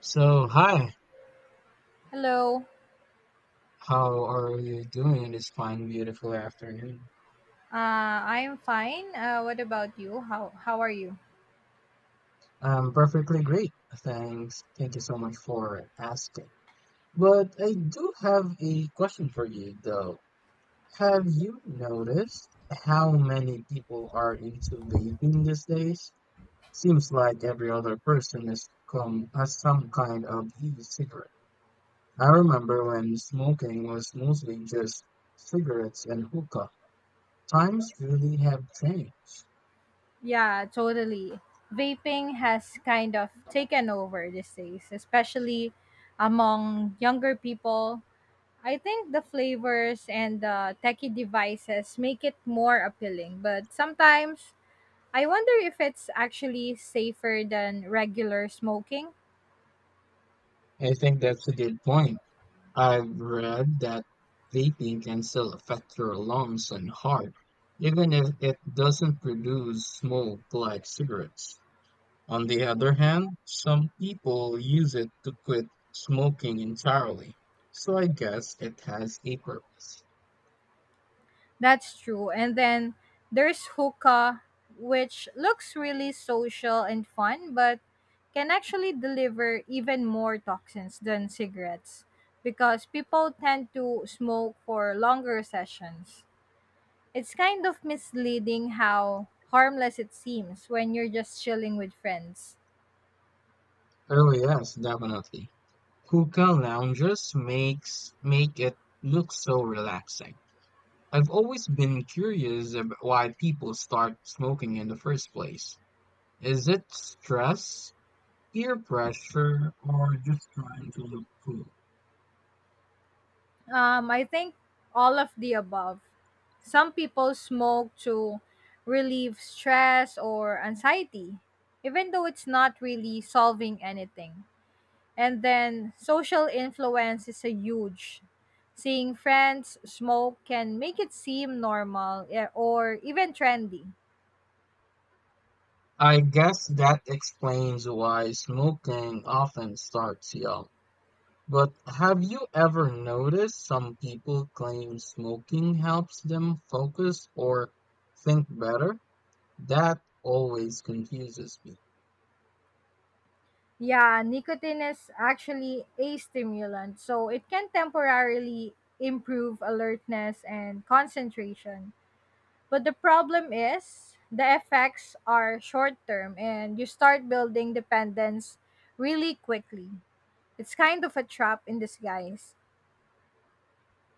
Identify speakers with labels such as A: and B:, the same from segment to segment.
A: So, hi,
B: Hello.
A: how are you doing this fine, beautiful afternoon?
B: I am fine. What about you? How are you?
A: I'm perfectly great, thanks. Thank you so much for asking. But I do have a question for you, though. Have you noticed how many people are into vaping these days? Seems like every other person has some kind of e-cigarette. I remember when smoking was mostly just cigarettes and hookah. Times really have changed.
B: Yeah, totally. Vaping has kind of taken over these days, especially among younger people. I think the flavors and the techie devices make it more appealing, but sometimes I wonder if it's actually safer than regular smoking.
A: I think that's a good point. I've read that vaping can still affect your lungs and heart, even if it doesn't produce smoke like cigarettes. On the other hand, some people use it to quit smoking entirely. So I guess it has a purpose.
B: That's true. And then there's hookah, which looks really social and fun, but can actually deliver even more toxins than cigarettes because people tend to smoke for longer sessions. It's kind of misleading how harmless it seems when you're just chilling with friends.
A: Oh yes, definitely. Hookah lounges make it look so relaxing. I've always been curious about why people start smoking in the first place. Is it stress, peer pressure, or just trying to look cool?
B: I think all of the above. Some people smoke to relieve stress or anxiety, even though it's not really solving anything. And then social influence is a huge. Seeing friends smoke can make it seem normal or even trendy.
A: I guess that explains why smoking often starts young. But have you ever noticed some people claim smoking helps them focus or think better? That always confuses me.
B: Yeah, nicotine is actually a stimulant, so it can temporarily improve alertness and concentration. But the problem is the effects are short term and you start building dependence really quickly. It's kind of a trap in disguise.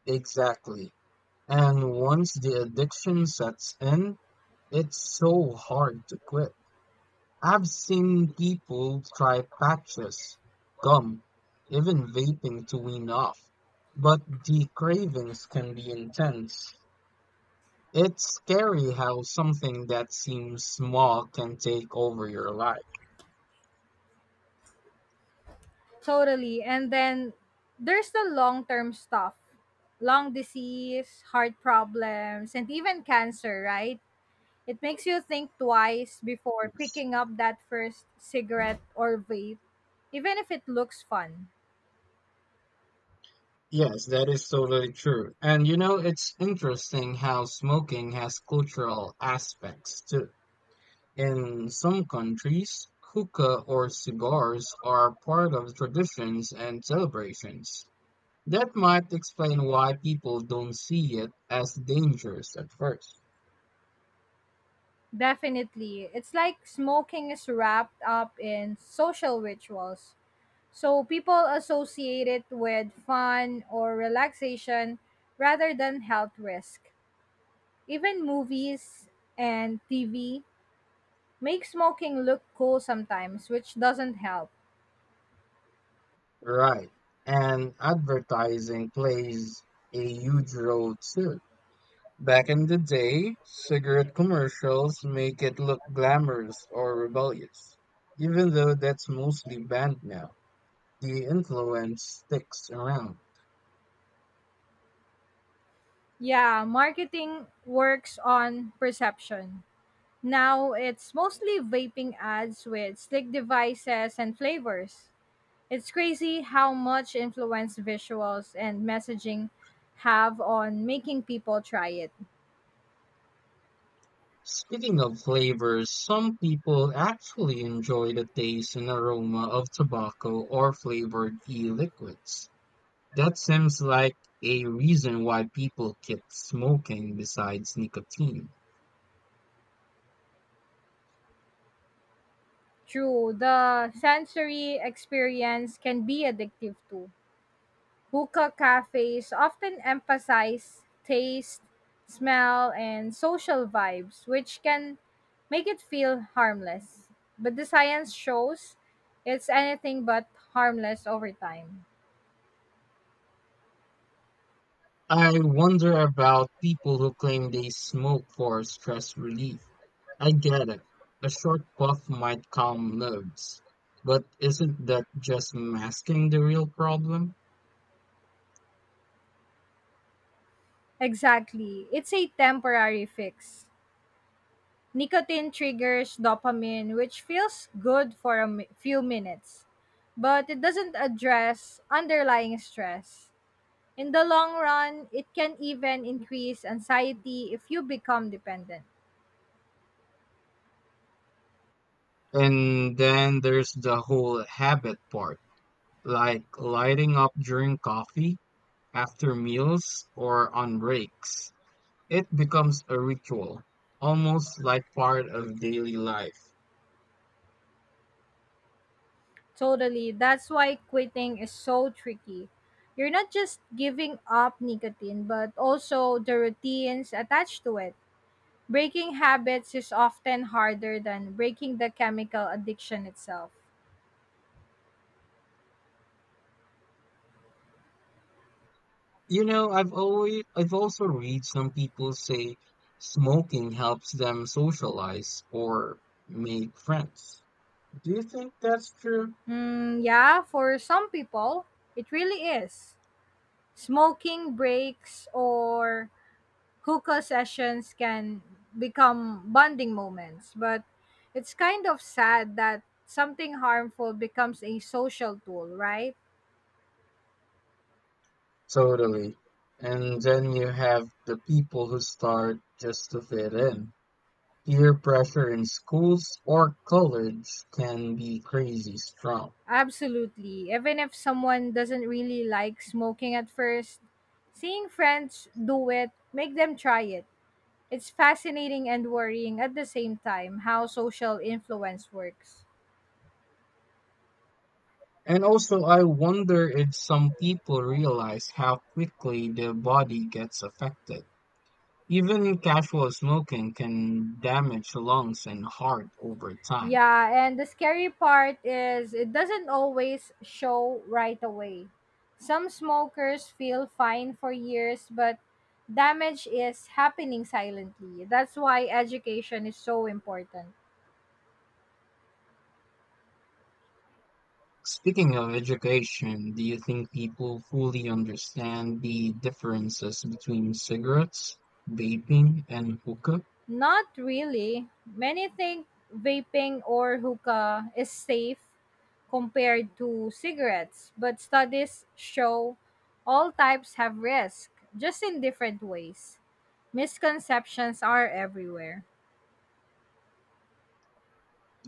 A: Exactly. And once the addiction sets in, it's so hard to quit. I've seen people try patches, gum, even vaping to wean off, but the cravings can be intense. It's scary how something that seems small can take over your life.
B: Totally. And then there's the long term stuff: lung disease, heart problems, and even cancer, right? It makes you think twice before
A: Yes,
B: picking up that first cigarette or vape, even if it looks fun.
A: Yes, that is totally true. And you know, it's interesting how smoking has cultural aspects too. In some countries, hookah or cigars are part of traditions and celebrations. That might explain why people don't see it as dangerous at first.
B: Definitely. It's like smoking is wrapped up in social rituals. So people associate it with fun or relaxation rather than health risk. Even movies and TV make smoking look cool sometimes, which doesn't help.
A: Right. And advertising plays a huge role too. Back in the day, cigarette commercials make it look glamorous or rebellious. Even though that's mostly banned now, the influence sticks around.
B: Yeah, marketing works on perception. Now it's mostly vaping ads with slick devices and flavors. It's crazy how much influence visuals and messaging have on making people try it.
A: Speaking of flavors, some people actually enjoy the taste and aroma of tobacco or flavored e-liquids. That seems like a reason why people keep smoking besides nicotine.
B: True, the sensory experience can be addictive too. Hookah cafes often emphasize taste, smell, and social vibes, which can make it feel harmless. But the science shows it's anything but harmless over time.
A: I wonder about people who claim they smoke for stress relief. I get it. A short puff might calm nerves, but isn't that just masking the real problem?
B: Exactly. It's a temporary fix. Nicotine triggers dopamine, which feels good for a few minutes, but it doesn't address underlying stress. In the long run, it can even increase anxiety if you become dependent.
A: And then there's the whole habit part, like lighting up during coffee, after meals, or on breaks. It becomes a ritual, almost like part of daily life.
B: Totally. That's why quitting is so tricky. You're not just giving up nicotine, but also the routines attached to it. Breaking habits is often harder than breaking the chemical addiction itself.
A: You know, I've also read some people say smoking helps them socialize or make friends. Do you think that's true?
B: Hmm, yeah, for some people, it really is. Smoking breaks or hookah sessions can become bonding moments, but it's kind of sad that something harmful becomes a social tool, right?
A: Totally. And then you have the people who start just to fit in. Peer pressure in schools or college can be crazy strong.
B: Absolutely. Even if someone doesn't really like smoking at first, seeing friends do it, make them try it. It's fascinating and worrying at the same time how social influence works.
A: And also, I wonder if some people realize how quickly their body gets affected. Even casual smoking can damage lungs and heart over time.
B: Yeah, and the scary part is it doesn't always show right away. Some smokers feel fine for years, but damage is happening silently. That's why education is so important.
A: Speaking of education, do you think people fully understand the differences between cigarettes, vaping, and hookah?
B: Not really. Many think vaping or hookah is safe compared to cigarettes, but studies show all types have risk, just in different ways. Misconceptions are everywhere.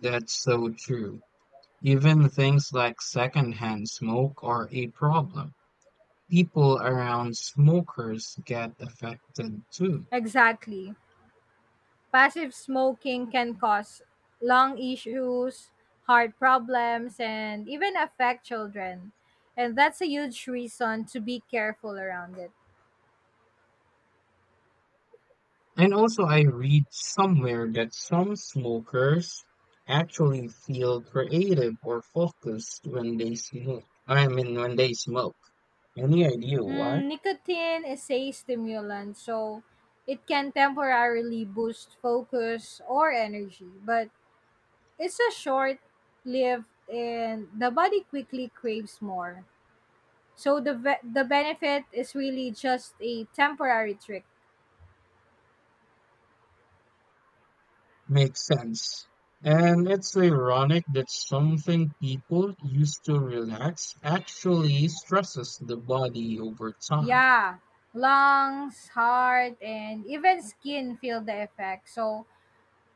A: That's so true. Even things like secondhand smoke are a problem. People around smokers get affected too.
B: Exactly. Passive smoking can cause lung issues, heart problems, and even affect children. And that's a huge reason to be careful around it.
A: And also, I read somewhere that some smokers actually feel creative or focused when they smoke. Any idea why?
B: Hmm, nicotine is a stimulant, so it can temporarily boost focus or energy, but it's a short lived and the body quickly craves more. So the benefit is really just a temporary trick.
A: Makes sense. And it's ironic that something people use to relax actually stresses the body over time.
B: Yeah, lungs, heart, and even skin feel the effect. So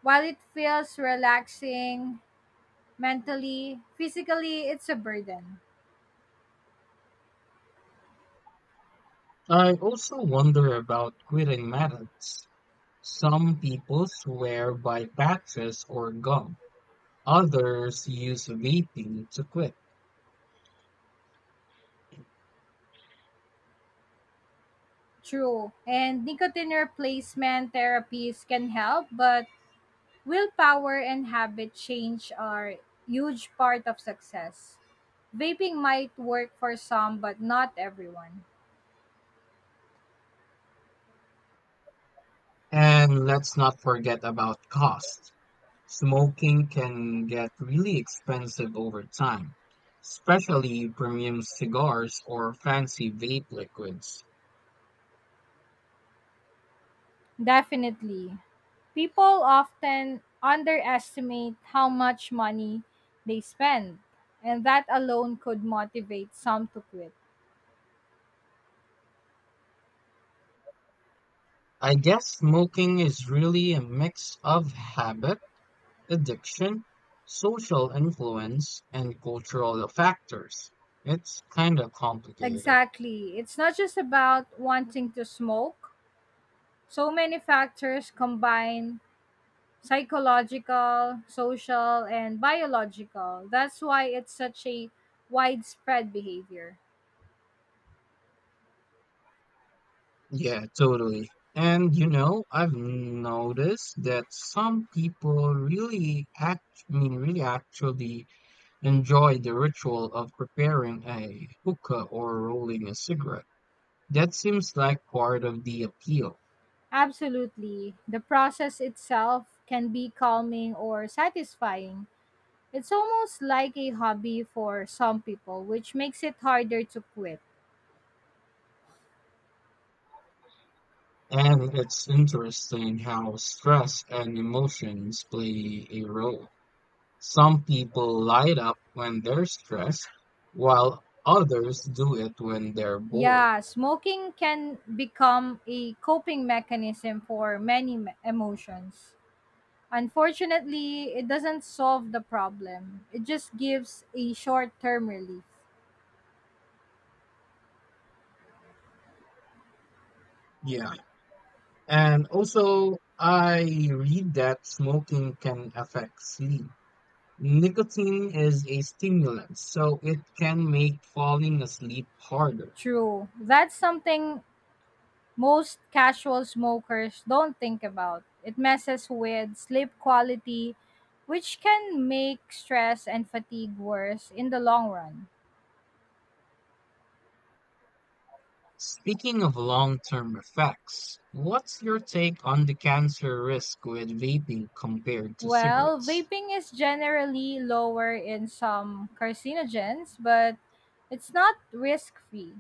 B: while it feels relaxing mentally, physically, it's a burden.
A: I also wonder about quitting methods. Some people swear by patches or gum. Others use vaping to quit.
B: True. And nicotine replacement therapies can help, but willpower and habit change are huge part of success. Vaping might work for some, but not everyone.
A: And let's not forget about cost. Smoking can get really expensive over time, especially premium cigars or fancy vape liquids.
B: Definitely. People often underestimate how much money they spend, and that alone could motivate some to quit.
A: I guess smoking is really a mix of habit, addiction, social influence, and cultural factors. It's kind of complicated.
B: Exactly. It's not just about wanting to smoke. So many factors combine: psychological, social, and biological. That's why it's such a widespread behavior.
A: Yeah, totally. And you know, I've noticed that some people really actually enjoy the ritual of preparing a hookah or rolling a cigarette. That seems like part of the appeal.
B: Absolutely. The process itself can be calming or satisfying. It's almost like a hobby for some people, which makes it harder to quit.
A: And it's interesting how stress and emotions play a role. Some people light up when they're stressed, while others do it when they're bored.
B: Yeah, smoking can become a coping mechanism for many emotions. Unfortunately, it doesn't solve the problem, it just gives a short term relief.
A: Yeah. And also, I read that smoking can affect sleep. Nicotine is a stimulant, so it can make falling asleep harder.
B: True. That's something most casual smokers don't think about. It messes with sleep quality, which can make stress and fatigue worse in the long run.
A: Speaking of long-term effects, what's your take on the cancer risk with vaping compared to
B: Well,
A: cigarettes?
B: vaping is generally lower in some carcinogens, but it's not risk free.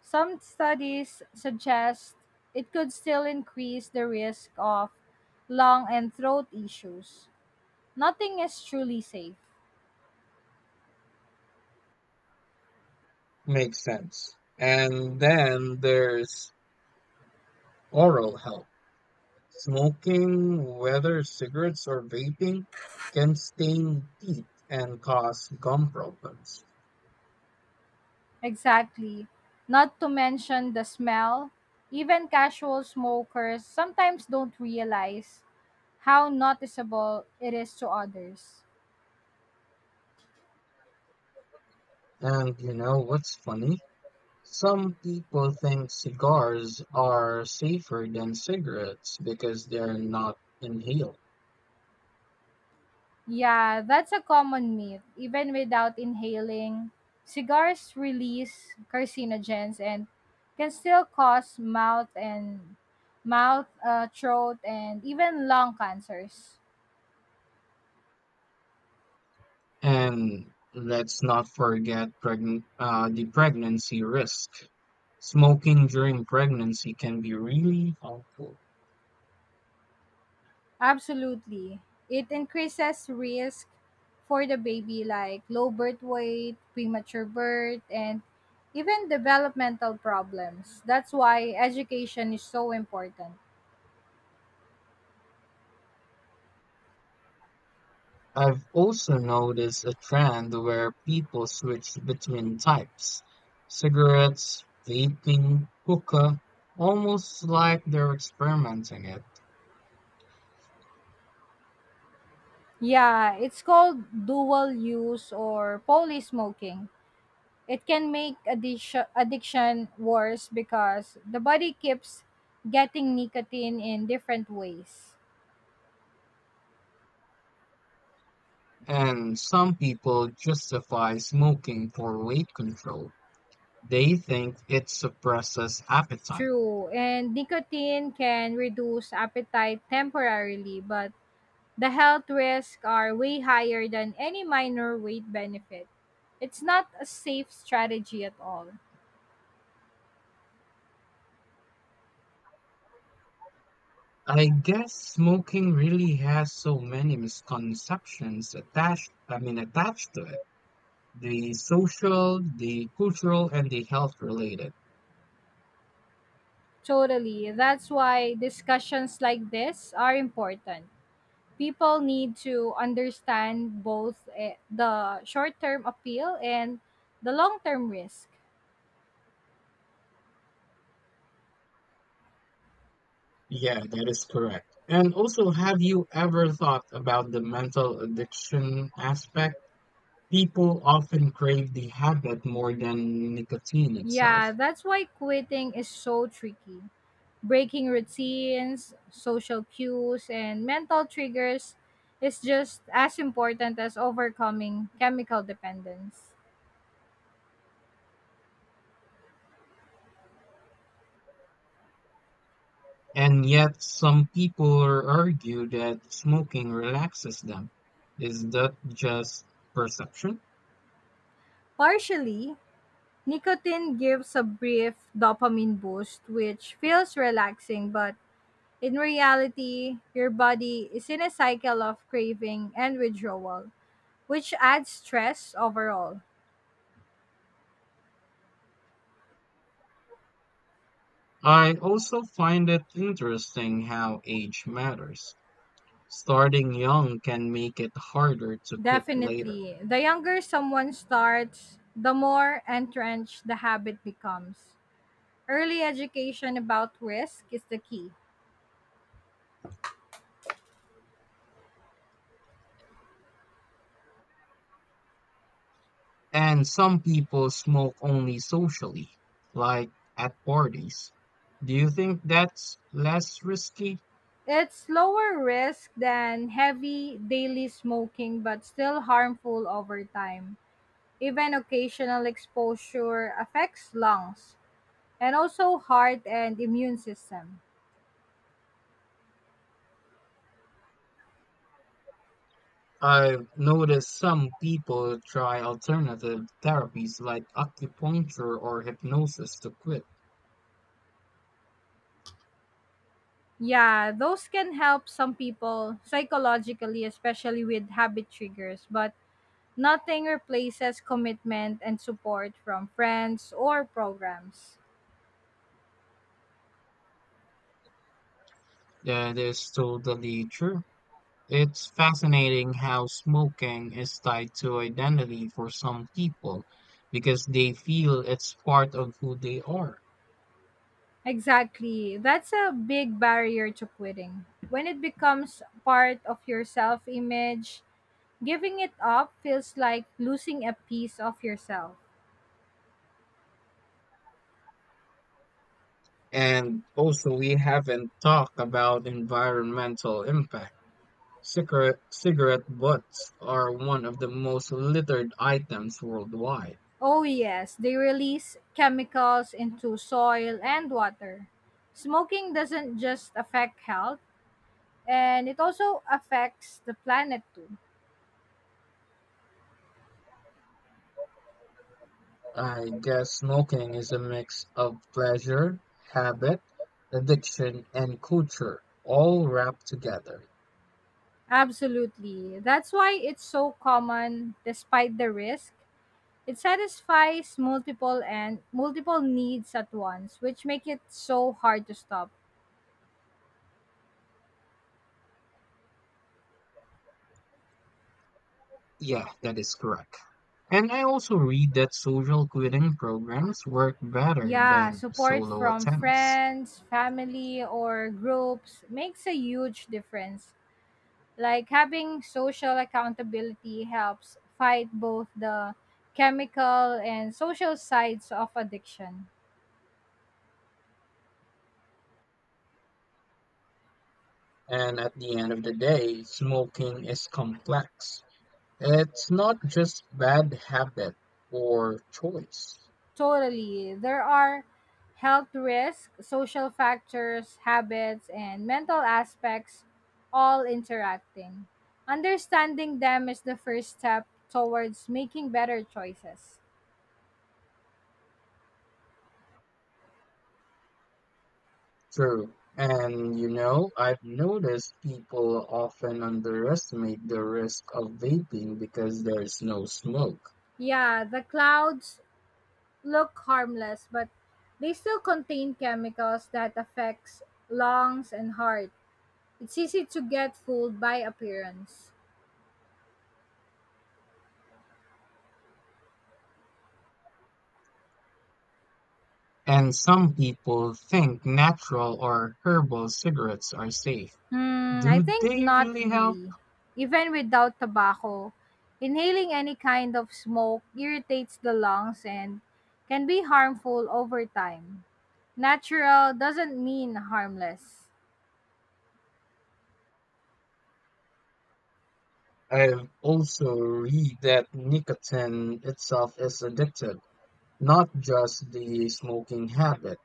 B: Some studies suggest it could still increase the risk of lung and throat issues. Nothing is truly safe.
A: Makes sense. And then there's oral health. Smoking, whether cigarettes or vaping, can stain teeth and cause gum problems.
B: Exactly. Not to mention the smell. Even casual smokers sometimes don't realize how noticeable it is to others.
A: And you know what's funny? Some people think cigars are safer than cigarettes because they're not inhaled.
B: Yeah, that's a common myth. Even without inhaling, cigars release carcinogens and can still cause mouth and throat, and even lung cancers.
A: And let's not forget pregn the pregnancy risk. Smoking during pregnancy can be really harmful.
B: Absolutely, it increases risk for the baby, like low birth weight, premature birth, and even developmental problems. That's why education is so important.
A: I've also noticed a trend where people switch between types. Cigarettes, vaping, hookah, almost like they're experimenting it.
B: Yeah, it's called dual use or poly smoking. It can make addiction worse because the body keeps getting nicotine in different ways.
A: And some people justify smoking for weight control. They think it suppresses appetite.
B: True, and nicotine can reduce appetite temporarily, but the health risks are way higher than any minor weight benefit. It's not a safe strategy at all.
A: I guess smoking really has so many misconceptions attached to it. The social, the cultural, and the health related.
B: Totally. That's why discussions like this are important. People need to understand both the short term appeal and the long term risk.
A: Yeah, that is correct. And also, have you ever thought about the mental addiction aspect? People often crave the habit more than nicotine itself.
B: Yeah, that's why quitting is so tricky. Breaking routines, social cues, and mental triggers is just as important as overcoming chemical dependence.
A: And yet, some people argue that smoking relaxes them. Is that just perception?
B: Partially, nicotine gives a brief dopamine boost, which feels relaxing, but in reality, your body is in a cycle of craving and withdrawal, which adds stress overall.
A: I also find it interesting how age matters. Starting young can make it harder to quit later.
B: Definitely, the younger someone starts, the more entrenched the habit becomes. Early education about risk is the key.
A: And some people smoke only socially, like at parties. Do you think that's less risky?
B: It's lower risk than heavy daily smoking, but still harmful over time. Even occasional exposure affects lungs and also heart and immune system.
A: I've noticed some people try alternative therapies like acupuncture or hypnosis to quit.
B: Yeah, those can help some people psychologically, especially with habit triggers, but nothing replaces commitment and support from friends or programs.
A: Yeah, that is totally true. It's fascinating how smoking is tied to identity for some people because they feel it's part of who they are.
B: Exactly. That's a big barrier to quitting. When it becomes part of your self image, giving it up feels like losing a piece of yourself.
A: And also, we haven't talked about environmental impact. Cigarette butts are one of the most littered items worldwide.
B: Oh, yes, they release chemicals into soil and water. Smoking doesn't just affect health and it also affects the planet too.
A: I guess smoking is a mix of pleasure, habit, addiction, and culture, all wrapped together.
B: Absolutely. That's why it's so common despite the risk. It satisfies multiple and multiple needs at once, which make it so hard to stop.
A: Yeah, that is correct. And I also read that social quitting programs work better
B: Yeah,
A: than
B: support
A: solo
B: from
A: attempts.
B: friends, family, or groups makes a huge difference. Like having social accountability helps fight both the chemical and social sides of addiction.
A: And at the end of the day, smoking is complex. It's not just bad habit or choice.
B: Totally. There are health risks, social factors, habits, and mental aspects all interacting. Understanding them is the first step towards making better choices.
A: True. And you know, I've noticed people often underestimate the risk of vaping because there's no smoke.
B: Yeah, the clouds look harmless, but they still contain chemicals that affects lungs and heart. It's easy to get fooled by appearance.
A: And some people think natural or herbal cigarettes are safe.
B: Hmm, I
A: Do
B: think
A: they
B: not
A: really help?
B: really. Even without tobacco, inhaling any kind of smoke irritates the lungs and can be harmful over time. Natural doesn't mean harmless.
A: I've also read that nicotine itself is addictive, not just the smoking habit.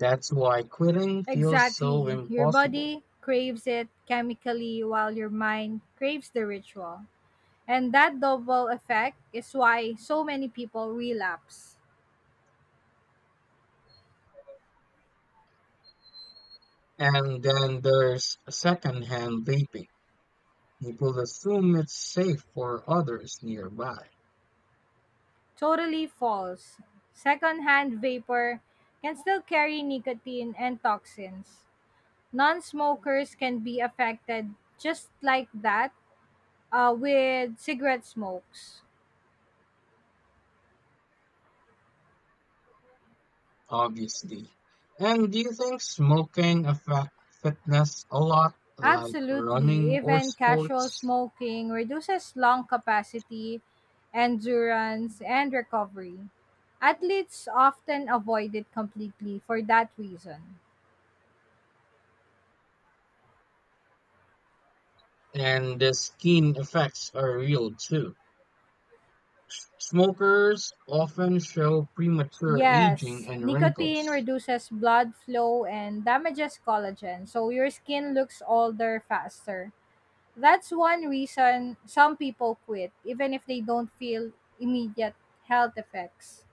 A: That's why quitting feels so
B: Exactly. Your
A: impossible.
B: body craves it chemically while your mind craves the ritual. And that double effect is why so many people relapse.
A: And then there's secondhand vaping. People assume it's safe for others nearby,
B: Totally false. Secondhand vapor can still carry nicotine and toxins. Non smokers can be affected just like that with cigarette smokes.
A: obviously. And do you think smoking affects fitness a lot, like running
B: Absolutely,
A: or
B: even casual
A: sports?
B: smoking reduces lung capacity, endurance, and recovery. Athletes often avoid it completely for that reason.
A: And the skin effects are real too. Smokers often show premature aging
B: Yes,
A: and
B: nicotine
A: wrinkles.
B: reduces blood flow and damages collagen, so your skin looks older faster. That's one reason some people quit, even if they don't feel immediate health effects.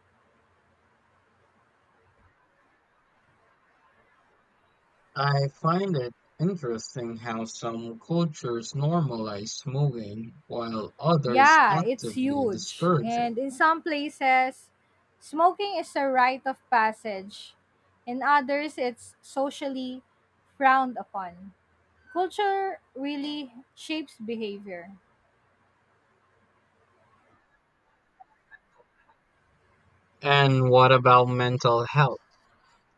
A: I find it interesting how some cultures normalize smoking while others
B: Yeah, it's
A: actively
B: huge.
A: discourage
B: And
A: it.
B: in some places, smoking is a rite of passage. In others, it's socially frowned upon. Culture really shapes behavior.
A: And what about mental health?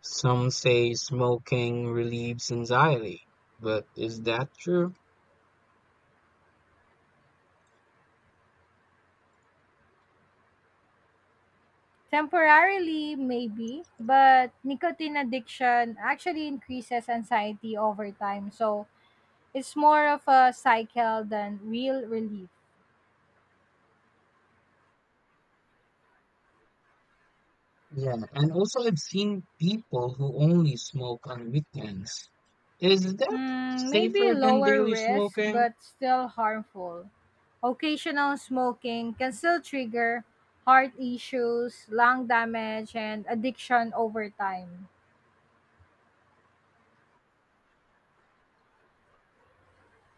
A: Some say smoking relieves anxiety, but is that true?
B: Temporarily, maybe, but nicotine addiction actually increases anxiety over time. So it's more of a cycle than real relief.
A: Yeah, and also I've seen people who only smoke on weekends. Is that
B: Hmm, maybe
A: safer than
B: lower
A: daily
B: risk,
A: smoking?
B: but still harmful. Occasional smoking can still trigger heart issues, lung damage, and addiction over time.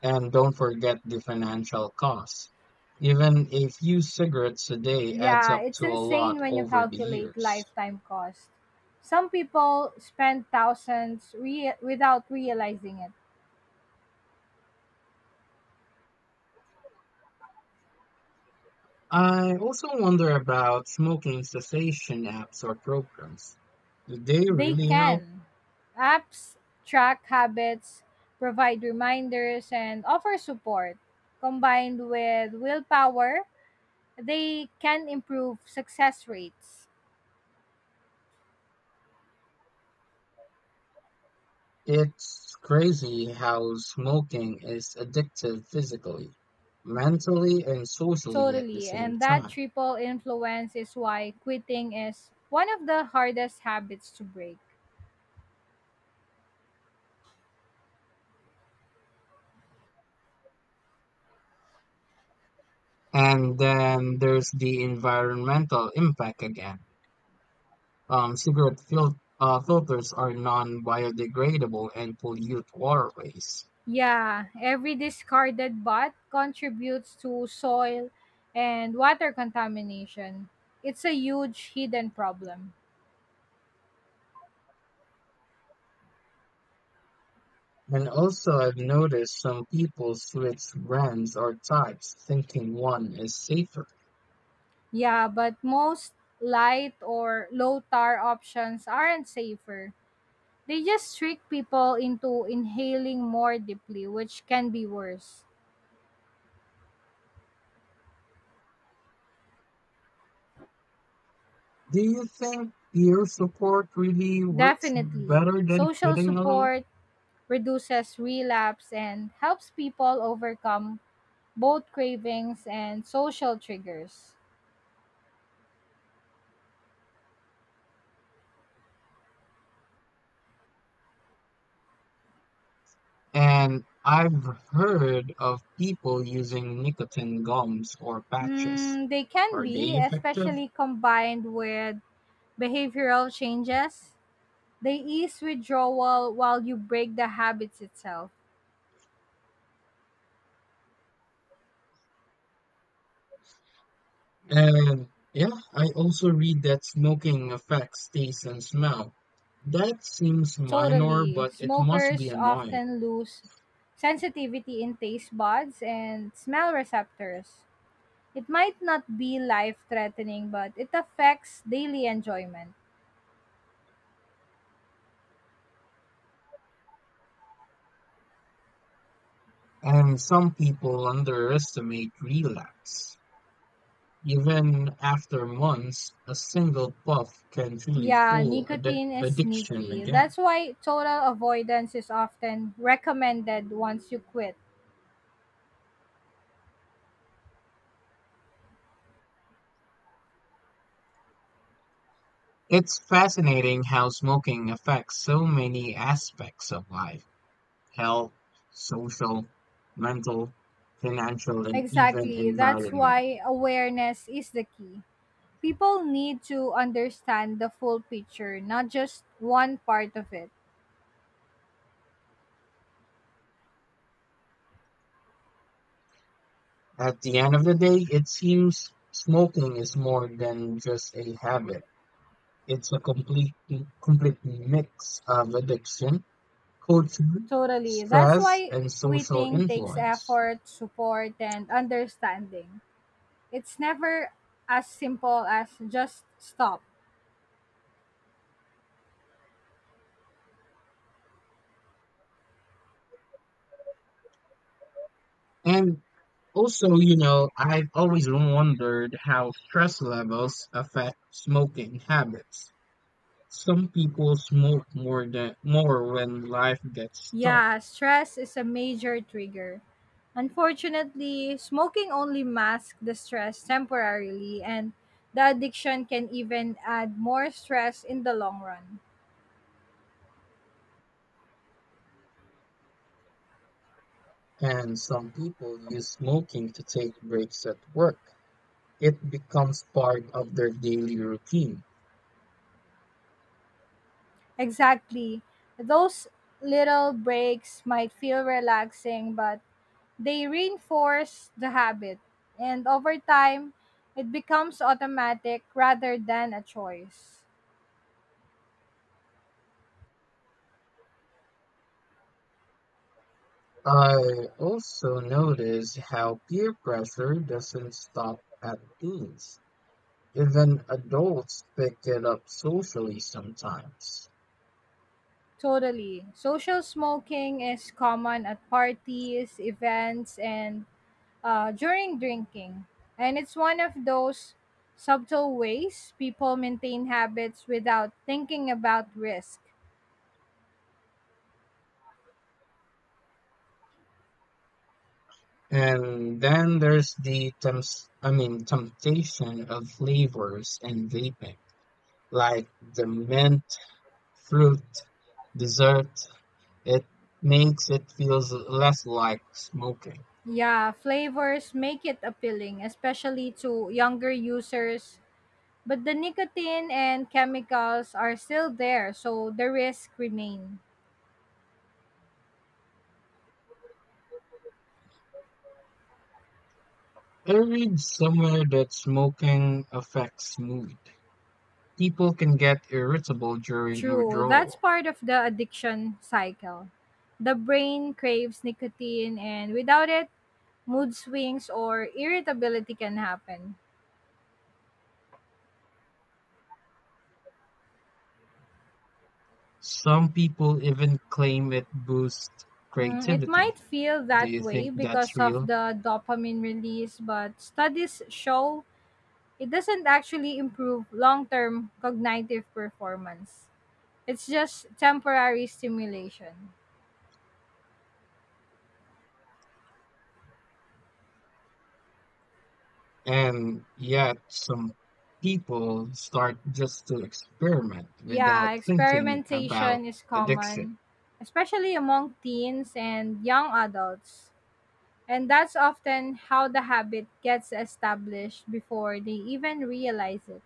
A: And don't forget the financial costs. Even a few cigarettes a day adds
B: Yeah,
A: up
B: it's
A: to a
B: insane
A: lot
B: when you
A: over the
B: calculate
A: years.
B: lifetime cost. Some people spend without realizing it.
A: I also wonder about smoking cessation apps or programs. Do they
B: They
A: really help?
B: can. Apps track habits, provide reminders, and offer support. Combined with willpower, they can improve success rates.
A: It's crazy how smoking is addictive physically, mentally, and socially at the
B: Totally.
A: same
B: And that
A: time.
B: triple influence is why quitting is one of the hardest habits to break.
A: And then there's the environmental impact again. Cigarette filters are non-biodegradable and pollute waterways.
B: Yeah, every discarded bot contributes to soil and water contamination. It's a huge hidden problem.
A: And also, I've noticed some people switch brands or types, thinking one is safer.
B: Yeah, but most light or low tar options aren't safer. They just trick people into inhaling more deeply, which can be worse.
A: Do you think peer support really works
B: Definitely.
A: better than
B: Social
A: quitting alone?
B: support reduces relapse and helps people overcome both cravings and social triggers.
A: And I've heard of people using nicotine gums or patches.
B: Mm, they can
A: Are they
B: be,
A: effective?
B: especially combined with behavioral changes. They ease withdrawal while you break the habits itself.
A: And yeah, I also read that smoking affects taste and smell. That seems minor,
B: Totally.
A: but it must be
B: Smokers
A: annoying.
B: often lose sensitivity in taste buds and smell receptors. It might not be life threatening, but it affects daily enjoyment.
A: And some people underestimate relapse. Even after months, a single puff can truly
B: Yeah,
A: fuel addic-
B: nicotine is
A: addiction
B: sneaky.
A: again.
B: That's why total avoidance is often recommended once you quit.
A: It's fascinating how smoking affects so many aspects of life: health, social, mental, financial, and even
B: Exactly. That's
A: environment.
B: why awareness is the key. People need to understand the full picture, not just one part of it.
A: At the end of the day, it seems smoking is more than just a habit. It's a complete mix of addiction, culture,
B: Totally. That's
A: stress,
B: why
A: and social
B: quitting takes
A: influence.
B: effort, support, and understanding. It's never as simple as just stop.
A: And also, you know, I've always wondered how stress levels affect smoking habits. Some people smoke more when life gets tough,
B: Yeah, stress is a major trigger. Unfortunately, smoking only masks the stress temporarily, and the addiction can even add more stress in the long run.
A: and some people use smoking to take breaks at work. It becomes part of their daily routine.
B: Exactly. Those little breaks might feel relaxing, but they reinforce the habit. And over time, it becomes automatic rather than a choice.
A: I also notice how peer pressure doesn't stop at teens. Even adults pick it up socially sometimes.
B: Totally. Social smoking is common at parties, events, and during drinking. And it's one of those subtle ways people maintain habits without thinking about risk.
A: And then there's the temptation of flavors and vaping, like the mint, fruit, dessert. It makes it feels less like smoking.
B: Yeah, flavors make it appealing, especially to younger users. But the nicotine and chemicals are still there, so the risk remain.
A: I read somewhere that smoking affects mood. People can get irritable during
B: True, that's
A: withdrawal.
B: part of the addiction cycle. The brain craves nicotine, and without it, mood swings or irritability can happen.
A: Some people even claim it boosts
B: Mm, it might
A: creativity.
B: feel
A: Do
B: that
A: you
B: way
A: think that's
B: because of
A: real?
B: the dopamine release, but studies show it doesn't actually improve long term cognitive performance. It's just temporary stimulation.
A: And yet, some people start just to experiment
B: Yeah,
A: without thinking about
B: experimentation is
A: addiction.
B: common, especially among teens and young adults. And that's often how the habit gets established before they even realize it.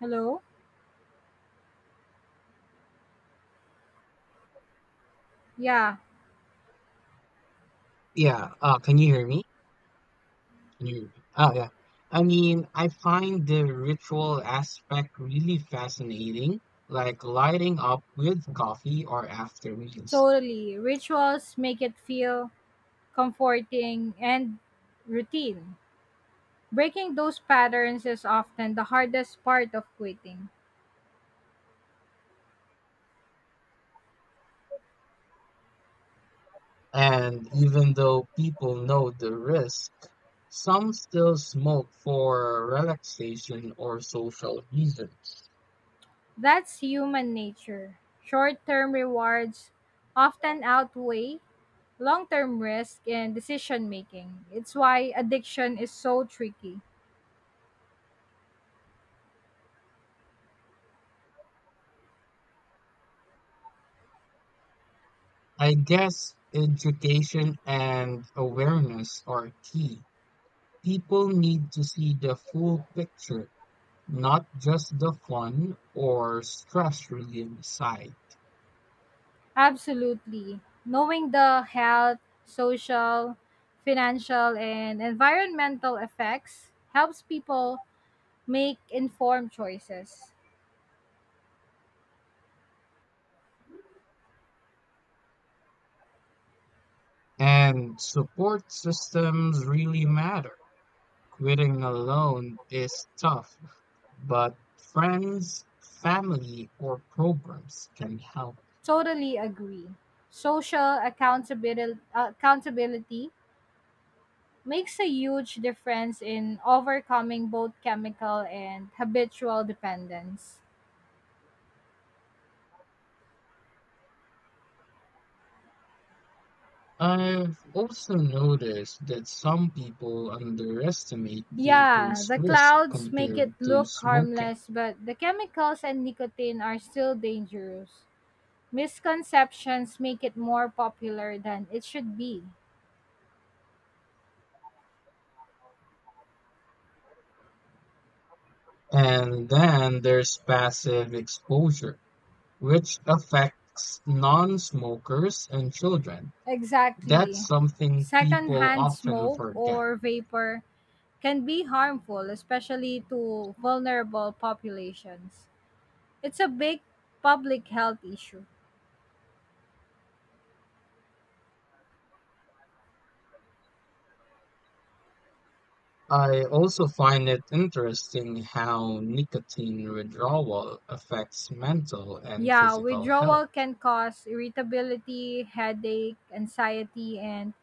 B: Hello? Yeah,
A: Yeah, can you hear me? Can you? Oh, yeah. I mean, I find the ritual aspect really fascinating, like lighting up with coffee or after meals.
B: totally. Rituals make it feel comforting and routine. Breaking those patterns is often the hardest part of quitting.
A: And even though people know the risk, some still smoke for relaxation or social reasons.
B: That's human nature. Short term rewards often outweigh long term risk in decision making. It's why addiction is so tricky.
A: I guess education and awareness are key. People need to see the full picture, not just the fun or stress relief side.
B: Absolutely. Knowing the health, social, financial, and environmental effects helps people make informed choices.
A: And support systems really matter. Quitting alone is tough, but friends, family, or programs can help.
B: Totally agree. Social accountability makes a huge difference in overcoming both chemical and habitual dependence.
A: I've also noticed that some people underestimate
B: Yeah,
A: vaping's
B: the
A: risk
B: clouds make it
A: compared to
B: look
A: smoking.
B: harmless, but the chemicals and nicotine are still dangerous. Misconceptions make it more popular than it should be.
A: And then there's passive exposure which affects non-smokers and children. That's
B: Exactly.
A: something people
B: Secondhand
A: often
B: smoke
A: forget.
B: or vapor can be harmful, especially to vulnerable populations. It's a big public health issue.
A: I also find it interesting how nicotine withdrawal affects mental and
B: Yeah,
A: physical health.
B: withdrawal can cause irritability, headache, anxiety, and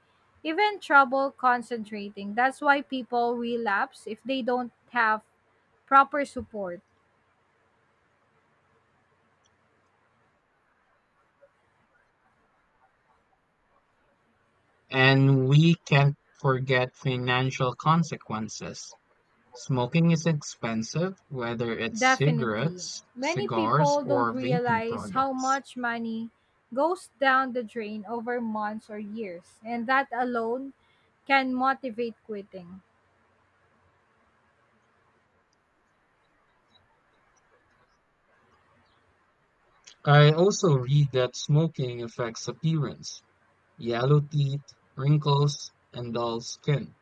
B: even trouble concentrating. That's why people relapse if they don't have proper support.
A: And we can't forget financial consequences. Smoking is expensive, whether it's
B: Definitely.
A: cigarettes,
B: Many
A: cigars,
B: people don't
A: or vaping
B: realize how
A: products.
B: much money goes down the drain over months or years, and that alone can motivate quitting.
A: I also read that smoking affects appearance: yellow teeth, wrinkles, and dull skin.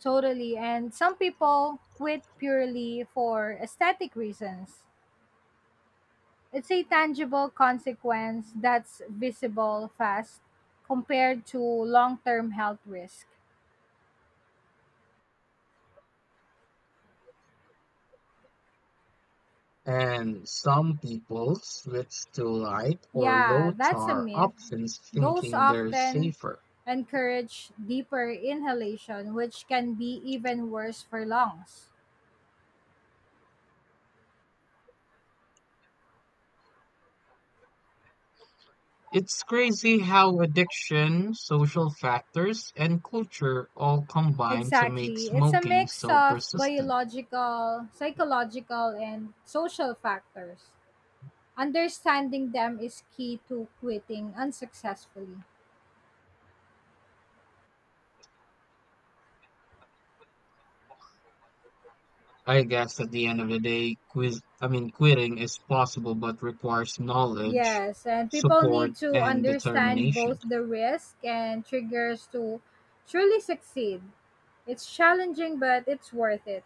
B: Totally. And some people quit purely for aesthetic reasons. It's a tangible consequence that's visible fast compared to long term health risk.
A: And some people switch to light or
B: Yeah,
A: low
B: that's a
A: tar
B: myth.
A: options
B: Those
A: thinking they're
B: often
A: safer.
B: encourage deeper inhalation, which can be even worse for lungs.
A: It's crazy how addiction, social factors, and culture all combine to make
B: Exactly. It's a
A: smoking
B: mix
A: so
B: of
A: persistent.
B: biological, psychological, and social factors. Understanding them is key to quitting unsuccessfully.
A: I guess at the end of the day, quiz I mean quitting is possible but requires knowledge,
B: Yes, and people
A: support,
B: need to
A: and
B: understand
A: determination.
B: both the risk and triggers to truly succeed. It's challenging, but it's worth it.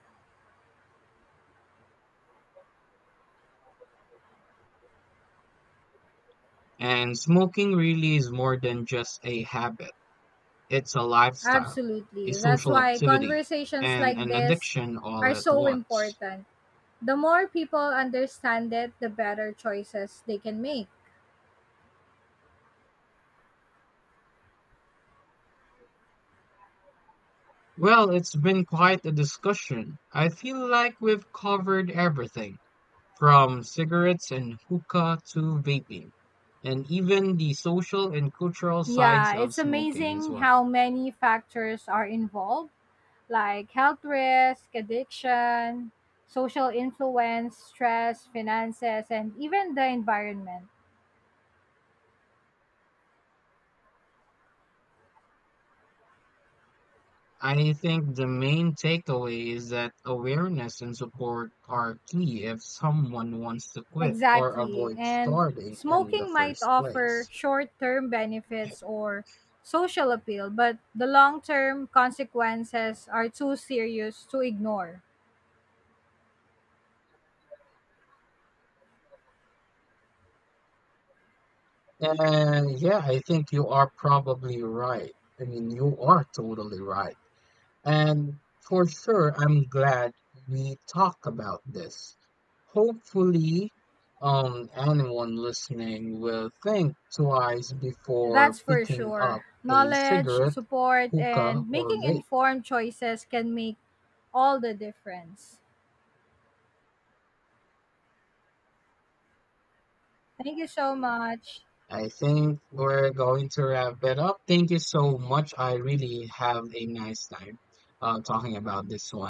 A: And smoking really is more than just a habit. It's a lifestyle, a
B: Absolutely. That's
A: social
B: why
A: activity,
B: conversations
A: and
B: like
A: an
B: this
A: addiction all
B: are
A: at
B: so
A: once.
B: important. The more people understand it, the better choices they can make.
A: Well, it's been quite a discussion. I feel like we've covered everything from cigarettes and hookah to vaping, and even the social and cultural sides
B: Yeah,
A: of
B: it's
A: smoking as
B: amazing
A: well.
B: how many factors are involved like health risk, addiction, social influence, stress, finances, and even the environment.
A: I think the main takeaway is that awareness and support are key if someone wants to quit or
B: Exactly.
A: avoid
B: And
A: starting in the
B: smoking might
A: first
B: offer
A: place.
B: short term benefits or social appeal, but the long term consequences are too serious to ignore.
A: And yeah, I think you are probably right. I mean, you are totally right. And for sure, I'm glad we talk about this. Hopefully, anyone listening will think twice before
B: That's for
A: picking up
B: sure.
A: a
B: Knowledge,
A: cigarette,
B: support,
A: hookah,
B: and
A: or
B: making
A: vape.
B: informed choices can make all the difference. Thank you so much.
A: I think we're going to wrap it up. Thank you so much. I really have a nice time talking about this one.